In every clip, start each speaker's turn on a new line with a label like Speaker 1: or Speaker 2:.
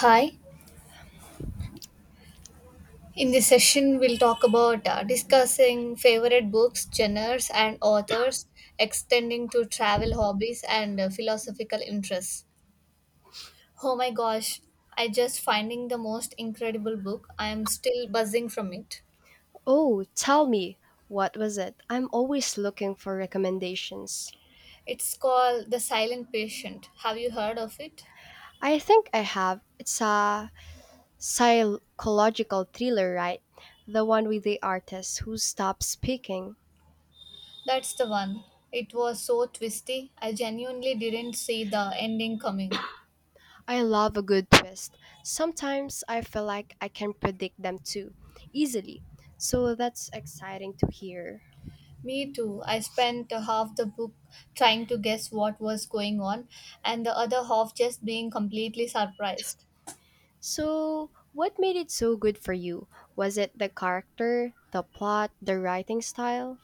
Speaker 1: Hi. In this session, we'll talk about discussing favorite books, genres, and authors, extending to travel hobbies and philosophical interests. Oh my gosh, I just finding the most incredible book. I am still buzzing from it.
Speaker 2: Oh, tell me, what was it? I'm always looking for recommendations.
Speaker 1: It's called The Silent Patient. Have you heard of it?
Speaker 2: I think I have. It's a psychological thriller, right? The one with the artist who stops speaking.
Speaker 1: That's the one. It was so twisty. I genuinely didn't see the ending coming.
Speaker 2: I love a good twist. Sometimes I feel like I can predict them too easily. So that's exciting to hear.
Speaker 1: Me too. I spent half the book trying to guess what was going on, and the other half just being completely surprised.
Speaker 2: So, what made it so good for you? Was it the character, the plot, the writing style?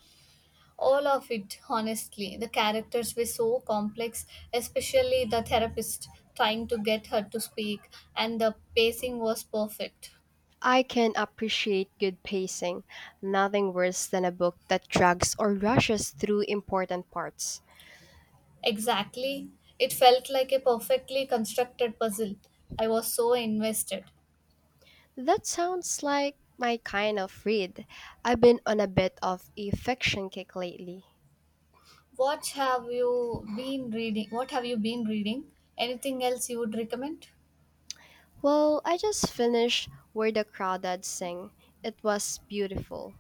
Speaker 1: All of it, honestly. The characters were so complex, especially the therapist trying to get her to speak, and the pacing was perfect.
Speaker 2: I can appreciate good pacing, nothing worse than a book that drags or rushes through important parts.
Speaker 1: Exactly. It felt like a perfectly constructed puzzle. I was so invested.
Speaker 2: That sounds like my kind of read. I've been on a bit of a fiction kick lately.
Speaker 1: What have you been reading? Anything else you would recommend?
Speaker 2: Well, I just finished Where the Crawdads Sing. It was beautiful.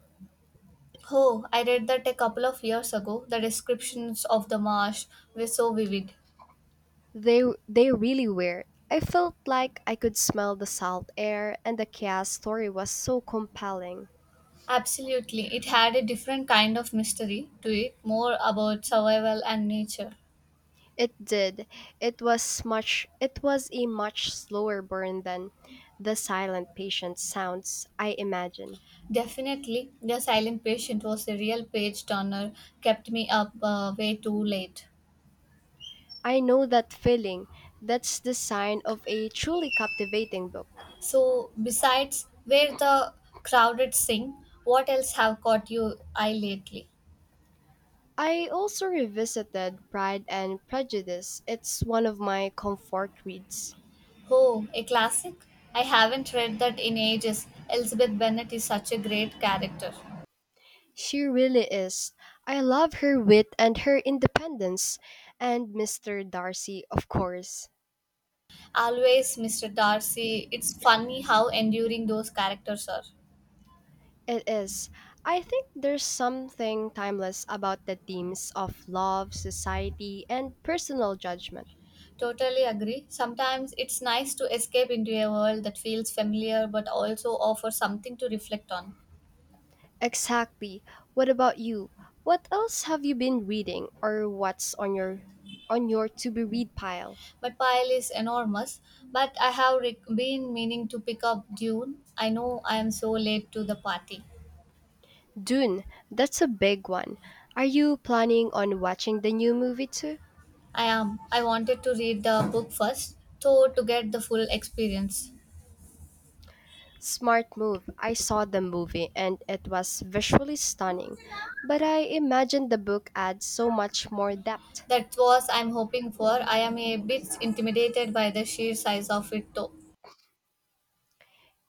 Speaker 1: Oh, I read that a couple of years ago. The descriptions of the marsh were so vivid.
Speaker 2: They really were. I felt like I could smell the salt air and the chaos story was so compelling.
Speaker 1: Absolutely, it had a different kind of mystery to it, more about survival and nature.
Speaker 2: It did. It was a much slower burn than the silent patient sounds, I imagine.
Speaker 1: Definitely, The Silent Patient was a real page turner, kept me up way too late.
Speaker 2: I know that feeling. That's the sign of a truly captivating book.
Speaker 1: So, besides where the crowded sing, what else have caught your eye lately?
Speaker 2: I also revisited Pride and Prejudice. It's one of my comfort reads.
Speaker 1: Oh, a classic? I haven't read that in ages. Elizabeth Bennet is such a great character.
Speaker 2: She really is. I love her wit and her independence. And Mr. Darcy, of course.
Speaker 1: Always Mr. Darcy. It's funny how enduring those characters are.
Speaker 2: It is. I think there's something timeless about the themes of love, society, and personal judgment.
Speaker 1: Totally agree. Sometimes it's nice to escape into a world that feels familiar but also offers something to reflect on.
Speaker 2: Exactly. What about you? What else have you been reading or what's on your to be read pile?
Speaker 1: My pile is enormous, but I have been meaning to pick up Dune. I know I am so late to the party.
Speaker 2: Dune, that's a big one. Are you planning on watching the new movie too?
Speaker 1: I am. I wanted to read the book first, though, to get the full experience.
Speaker 2: Smart move. I saw the movie and it was visually stunning, but I imagine the book adds so much more depth.
Speaker 1: That was I'm hoping for. I am a bit intimidated by the sheer size of it, though.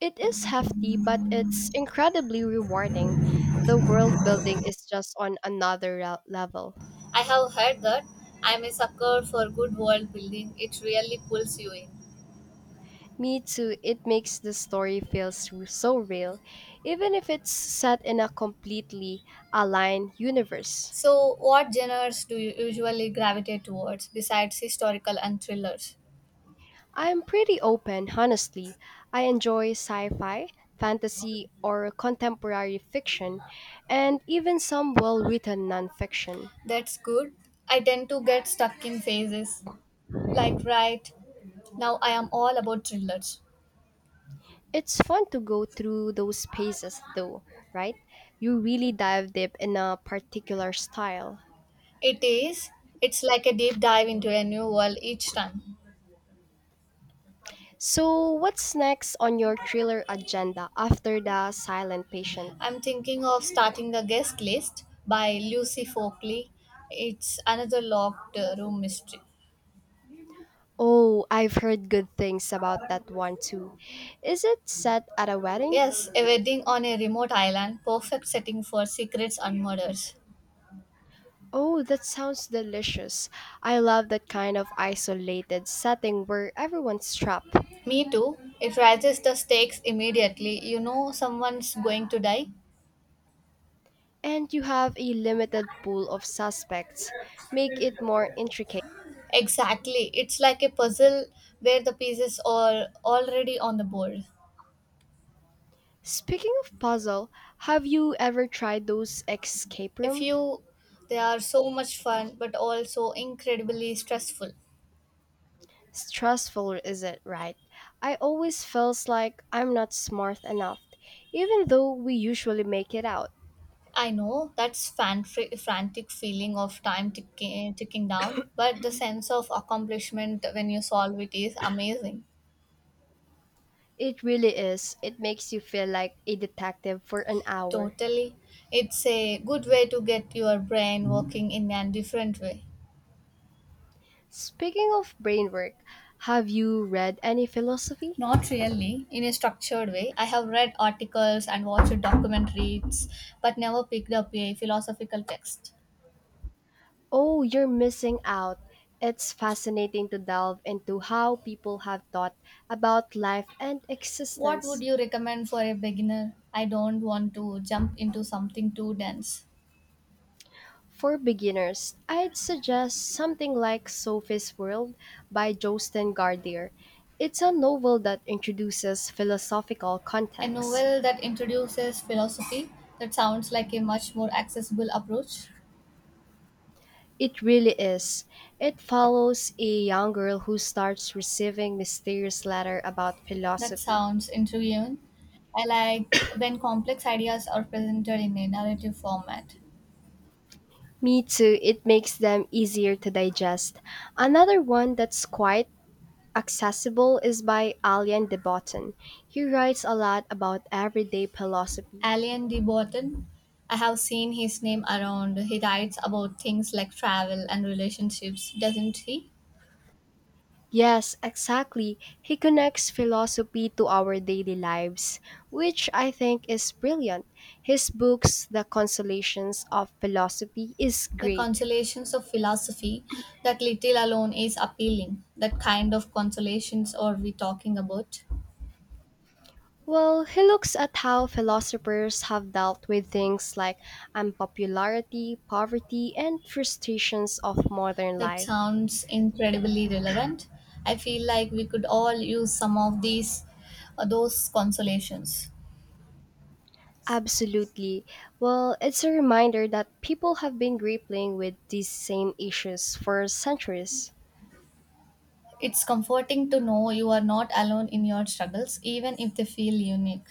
Speaker 2: It is hefty, but it's incredibly rewarding. The world building is just on another level.
Speaker 1: I have heard that. I'm a sucker for good world building. It really pulls you in.
Speaker 2: Me too, it makes the story feel so real, even if it's set in a completely aligned universe.
Speaker 1: So, what genres do you usually gravitate towards besides historical and thrillers?
Speaker 2: I'm pretty open, honestly. I enjoy sci fi, fantasy, or contemporary fiction, and even some well written nonfiction.
Speaker 1: That's good. I tend to get stuck in phases. Like, right now, I am all about thrillers.
Speaker 2: It's fun to go through those phases though, right? You really dive deep in a particular style.
Speaker 1: It is. It's like a deep dive into a new world each time.
Speaker 2: So, what's next on your thriller agenda after The Silent Patient?
Speaker 1: I'm thinking of starting a guest list by Lucy Folkley. It's another locked room mystery.
Speaker 2: Oh, I've heard good things about that one too. Is it set at a wedding?
Speaker 1: Yes, a wedding on a remote island, perfect setting for secrets and murders.
Speaker 2: Oh, that sounds delicious. I love that kind of isolated setting where everyone's trapped
Speaker 1: Me too. It raises the stakes immediately. You know someone's going to die.
Speaker 2: and you have a limited pool of suspects. Make it more intricate.
Speaker 1: Exactly. It's like a puzzle where the pieces are already on the board.
Speaker 2: Speaking of puzzle, have you ever tried those escape
Speaker 1: If
Speaker 2: room?
Speaker 1: you they are so much fun but also incredibly stressful.
Speaker 2: Stressful, is it right? I always feels like I'm not smart enough, even though we usually make it out.
Speaker 1: I know that's frantic feeling of time ticking, ticking down, but the sense of accomplishment when you solve it is amazing.
Speaker 2: It really is. It makes you feel like a detective for an hour.
Speaker 1: Totally. It's a good way to get your brain working in a different way.
Speaker 2: Speaking of brain work, have you read any philosophy?
Speaker 1: Not really in a structured way. I have read articles and watched documentaries, but never picked up a philosophical text.
Speaker 2: Oh, you're missing out. It's fascinating to delve into how people have thought about life and
Speaker 1: What would
Speaker 2: existence.
Speaker 1: you recommend for a beginner? I don't want to jump into something too dense.
Speaker 2: For beginners, I'd suggest something like Sophie's World by Josten Gardier. It's a novel that introduces philosophical
Speaker 1: A
Speaker 2: context.
Speaker 1: novel that introduces philosophy that sounds like a much more accessible approach.
Speaker 2: It really is. It follows a young girl who starts receiving mysterious letters about
Speaker 1: That
Speaker 2: philosophy.
Speaker 1: sounds intriguing. I like when complex ideas are presented in a narrative format.
Speaker 2: Me too, it makes them easier to digest. Another one that's quite accessible is by Alain de Botton. He writes a lot about everyday philosophy.
Speaker 1: Alien de Botton, I have seen his name around. He writes about things like travel and relationships, doesn't he?
Speaker 2: Yes, exactly. He connects philosophy to our daily lives, which I think is brilliant. His books, The Consolations of Philosophy, is
Speaker 1: The
Speaker 2: great.
Speaker 1: consolations of philosophy, that little alone is appealing. That kind of consolations are we talking about?
Speaker 2: Well, he looks at how philosophers have dealt with things like unpopularity, poverty, and frustrations of modern
Speaker 1: That
Speaker 2: life.
Speaker 1: sounds incredibly relevant. I feel like we could all use some of these, those consolations.
Speaker 2: Absolutely. Well, it's a reminder that people have been grappling with these same issues for centuries.
Speaker 1: It's comforting to know you are not alone in your struggles, even if they feel unique.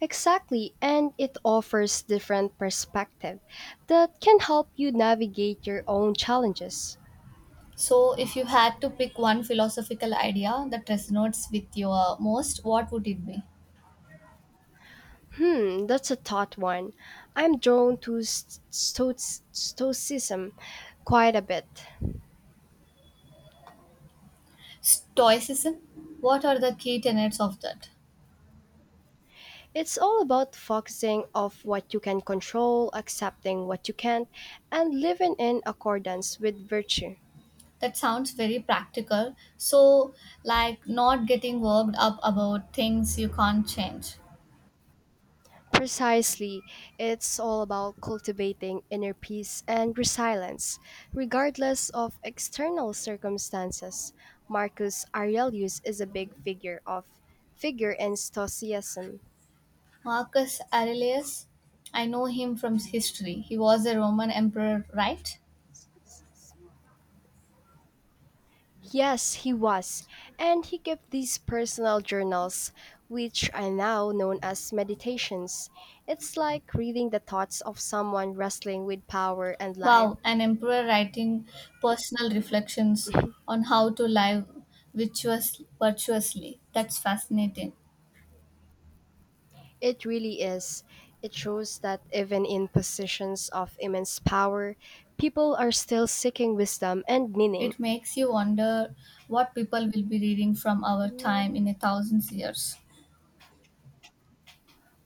Speaker 2: Exactly, and it offers different perspective that can help you navigate your own challenges.
Speaker 1: So, if you had to pick one philosophical idea that resonates with you most, what would it be?
Speaker 2: Hmm, that's a tough one. I'm drawn to stoicism quite a bit.
Speaker 1: Stoicism? What are the key tenets of that?
Speaker 2: It's all about focusing of what you can control, accepting what you can't, and living in accordance with virtue.
Speaker 1: That sounds very practical. So, like not getting worked up about things you can't change.
Speaker 2: Precisely. It's all about cultivating inner peace and resilience, regardless of external circumstances. Marcus Aurelius is a big figure of figure in Stoicism.
Speaker 1: Marcus Aurelius, I know him from history. He was a Roman emperor, right?
Speaker 2: Yes, he was, and he kept these personal journals, which are now known as meditations. It's like reading the thoughts of someone wrestling with power and life.
Speaker 1: Wow, an emperor writing personal reflections on how to live virtuously. That's fascinating.
Speaker 2: It really is. It shows that even in positions of immense power, people are still seeking wisdom and meaning.
Speaker 1: It makes you wonder what people will be reading from our time in a thousand years.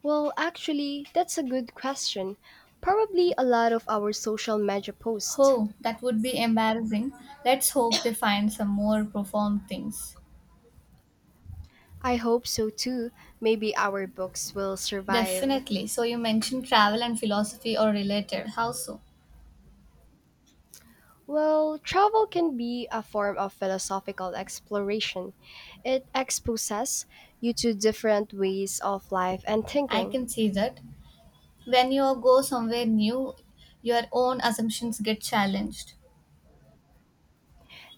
Speaker 2: Well, actually, that's a good question. Probably a lot of our social media posts.
Speaker 1: Oh, that would be embarrassing. Let's hope they find some more profound things.
Speaker 2: I hope so too. Maybe our books will survive.
Speaker 1: Definitely. So you mentioned travel and philosophy are related. How so?
Speaker 2: Well, travel can be a form of philosophical exploration. It exposes you to different ways of life and
Speaker 1: I
Speaker 2: thinking.
Speaker 1: can see that. When you go somewhere new, your own assumptions get challenged.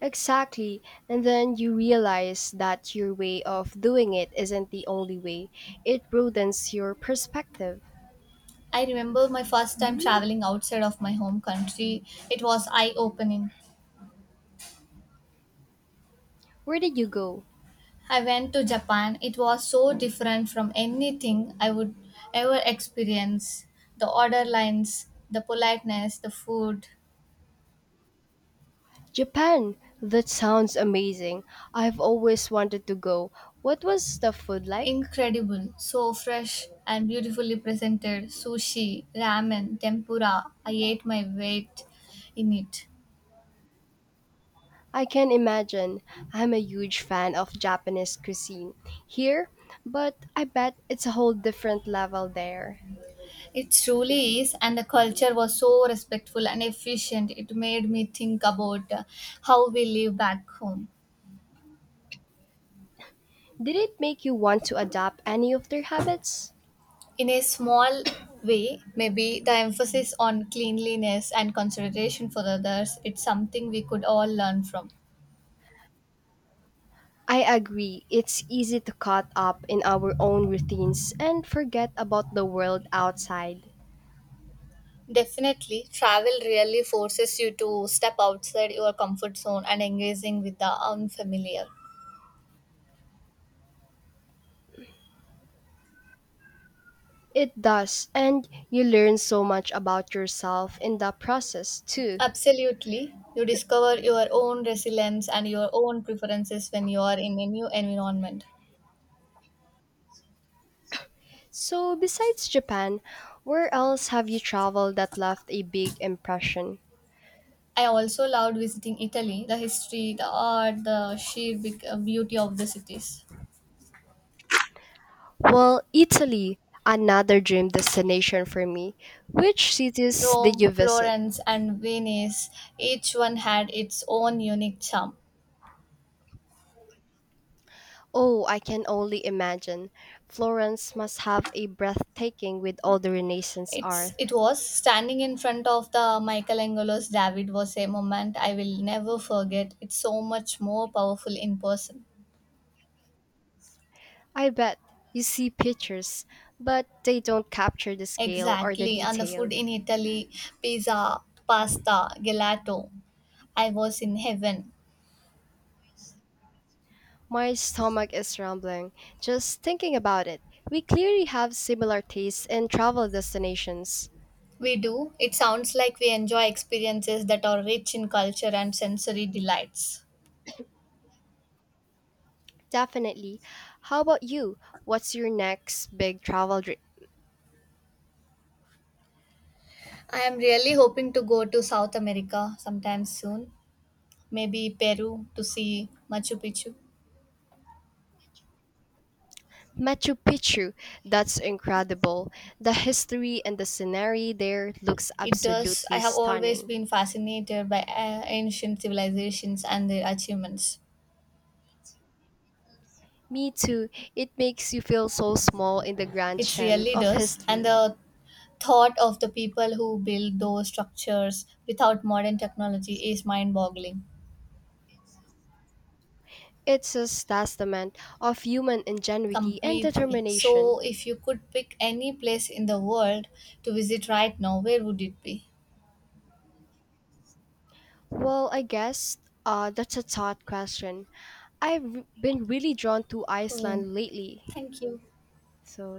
Speaker 2: Exactly. And then you realize that your way of doing it isn't the only way. It broadens your perspective.
Speaker 1: I remember my first time traveling outside of my home country. It was eye opening.
Speaker 2: Where did you go?
Speaker 1: I went to Japan. It was so different from anything I would ever experience. The order lines, the politeness, the food.
Speaker 2: Japan. That sounds amazing. I've always wanted to go. What was the food like?
Speaker 1: Incredible. So fresh and beautifully presented. Sushi, ramen, tempura. I ate my weight in it.
Speaker 2: I can imagine. I'm a huge fan of Japanese cuisine here, but I bet it's a whole different level there.
Speaker 1: It truly is, and the culture was so respectful and efficient. It made me think about how we live back home.
Speaker 2: Did it make you want to adopt any of their habits?
Speaker 1: In a small way, maybe the emphasis on cleanliness and consideration for others, it's something we could all learn from.
Speaker 2: I agree. It's easy to caught up in our own routines and forget about the world outside.
Speaker 1: Definitely, travel really forces you to step outside your comfort zone and engaging with the unfamiliar.
Speaker 2: It does, and you learn so much about yourself in the process too.
Speaker 1: Absolutely. You discover your own resilience and your own preferences when you are in a new environment.
Speaker 2: So, besides Japan, where else have you traveled that left a big impression?
Speaker 1: I also loved visiting Italy, the history, the art, the sheer beauty of the cities.
Speaker 2: Well, Italy, another dream destination for me. Which cities did
Speaker 1: Rome,
Speaker 2: you visit?
Speaker 1: Florence, and Venice, each one had its own unique charm.
Speaker 2: Oh, I can only imagine. Florence must have a breathtaking with all the Renaissance
Speaker 1: It's,
Speaker 2: art.
Speaker 1: it was standing in front of the Michelangelo's David was a moment I will never forget. It's so much more powerful in person.
Speaker 2: I bet you see pictures, but they don't capture the scale or the
Speaker 1: Exactly, and the food
Speaker 2: detail.
Speaker 1: in Italy pizza, pasta, gelato. I was in heaven.
Speaker 2: My stomach is rumbling just thinking about it. We clearly have similar tastes in travel destinations.
Speaker 1: We do. It sounds like we enjoy experiences that are rich in culture and sensory delights.
Speaker 2: Definitely. How about you? What's your next big travel dream?
Speaker 1: I am really hoping to go to South America sometime soon, maybe Peru to see Machu Picchu.
Speaker 2: Machu Picchu. That's incredible. The history and the scenery there looks
Speaker 1: It does. I
Speaker 2: absolutely
Speaker 1: have always
Speaker 2: stunning.
Speaker 1: been fascinated by ancient civilizations and their achievements.
Speaker 2: Me too. It makes you feel so small in the grand
Speaker 1: It
Speaker 2: sham
Speaker 1: really
Speaker 2: of
Speaker 1: does. And
Speaker 2: history.
Speaker 1: the thought of the people who built those structures without modern technology is mind boggling.
Speaker 2: It's a testament of human ingenuity and
Speaker 1: Completely. So,
Speaker 2: determination.
Speaker 1: if you could pick any place in the world to visit right now, where would it be?
Speaker 2: Well, I guess that's a thought question. I've been really drawn to
Speaker 1: Oh,
Speaker 2: Iceland lately.
Speaker 1: thank you.
Speaker 2: So,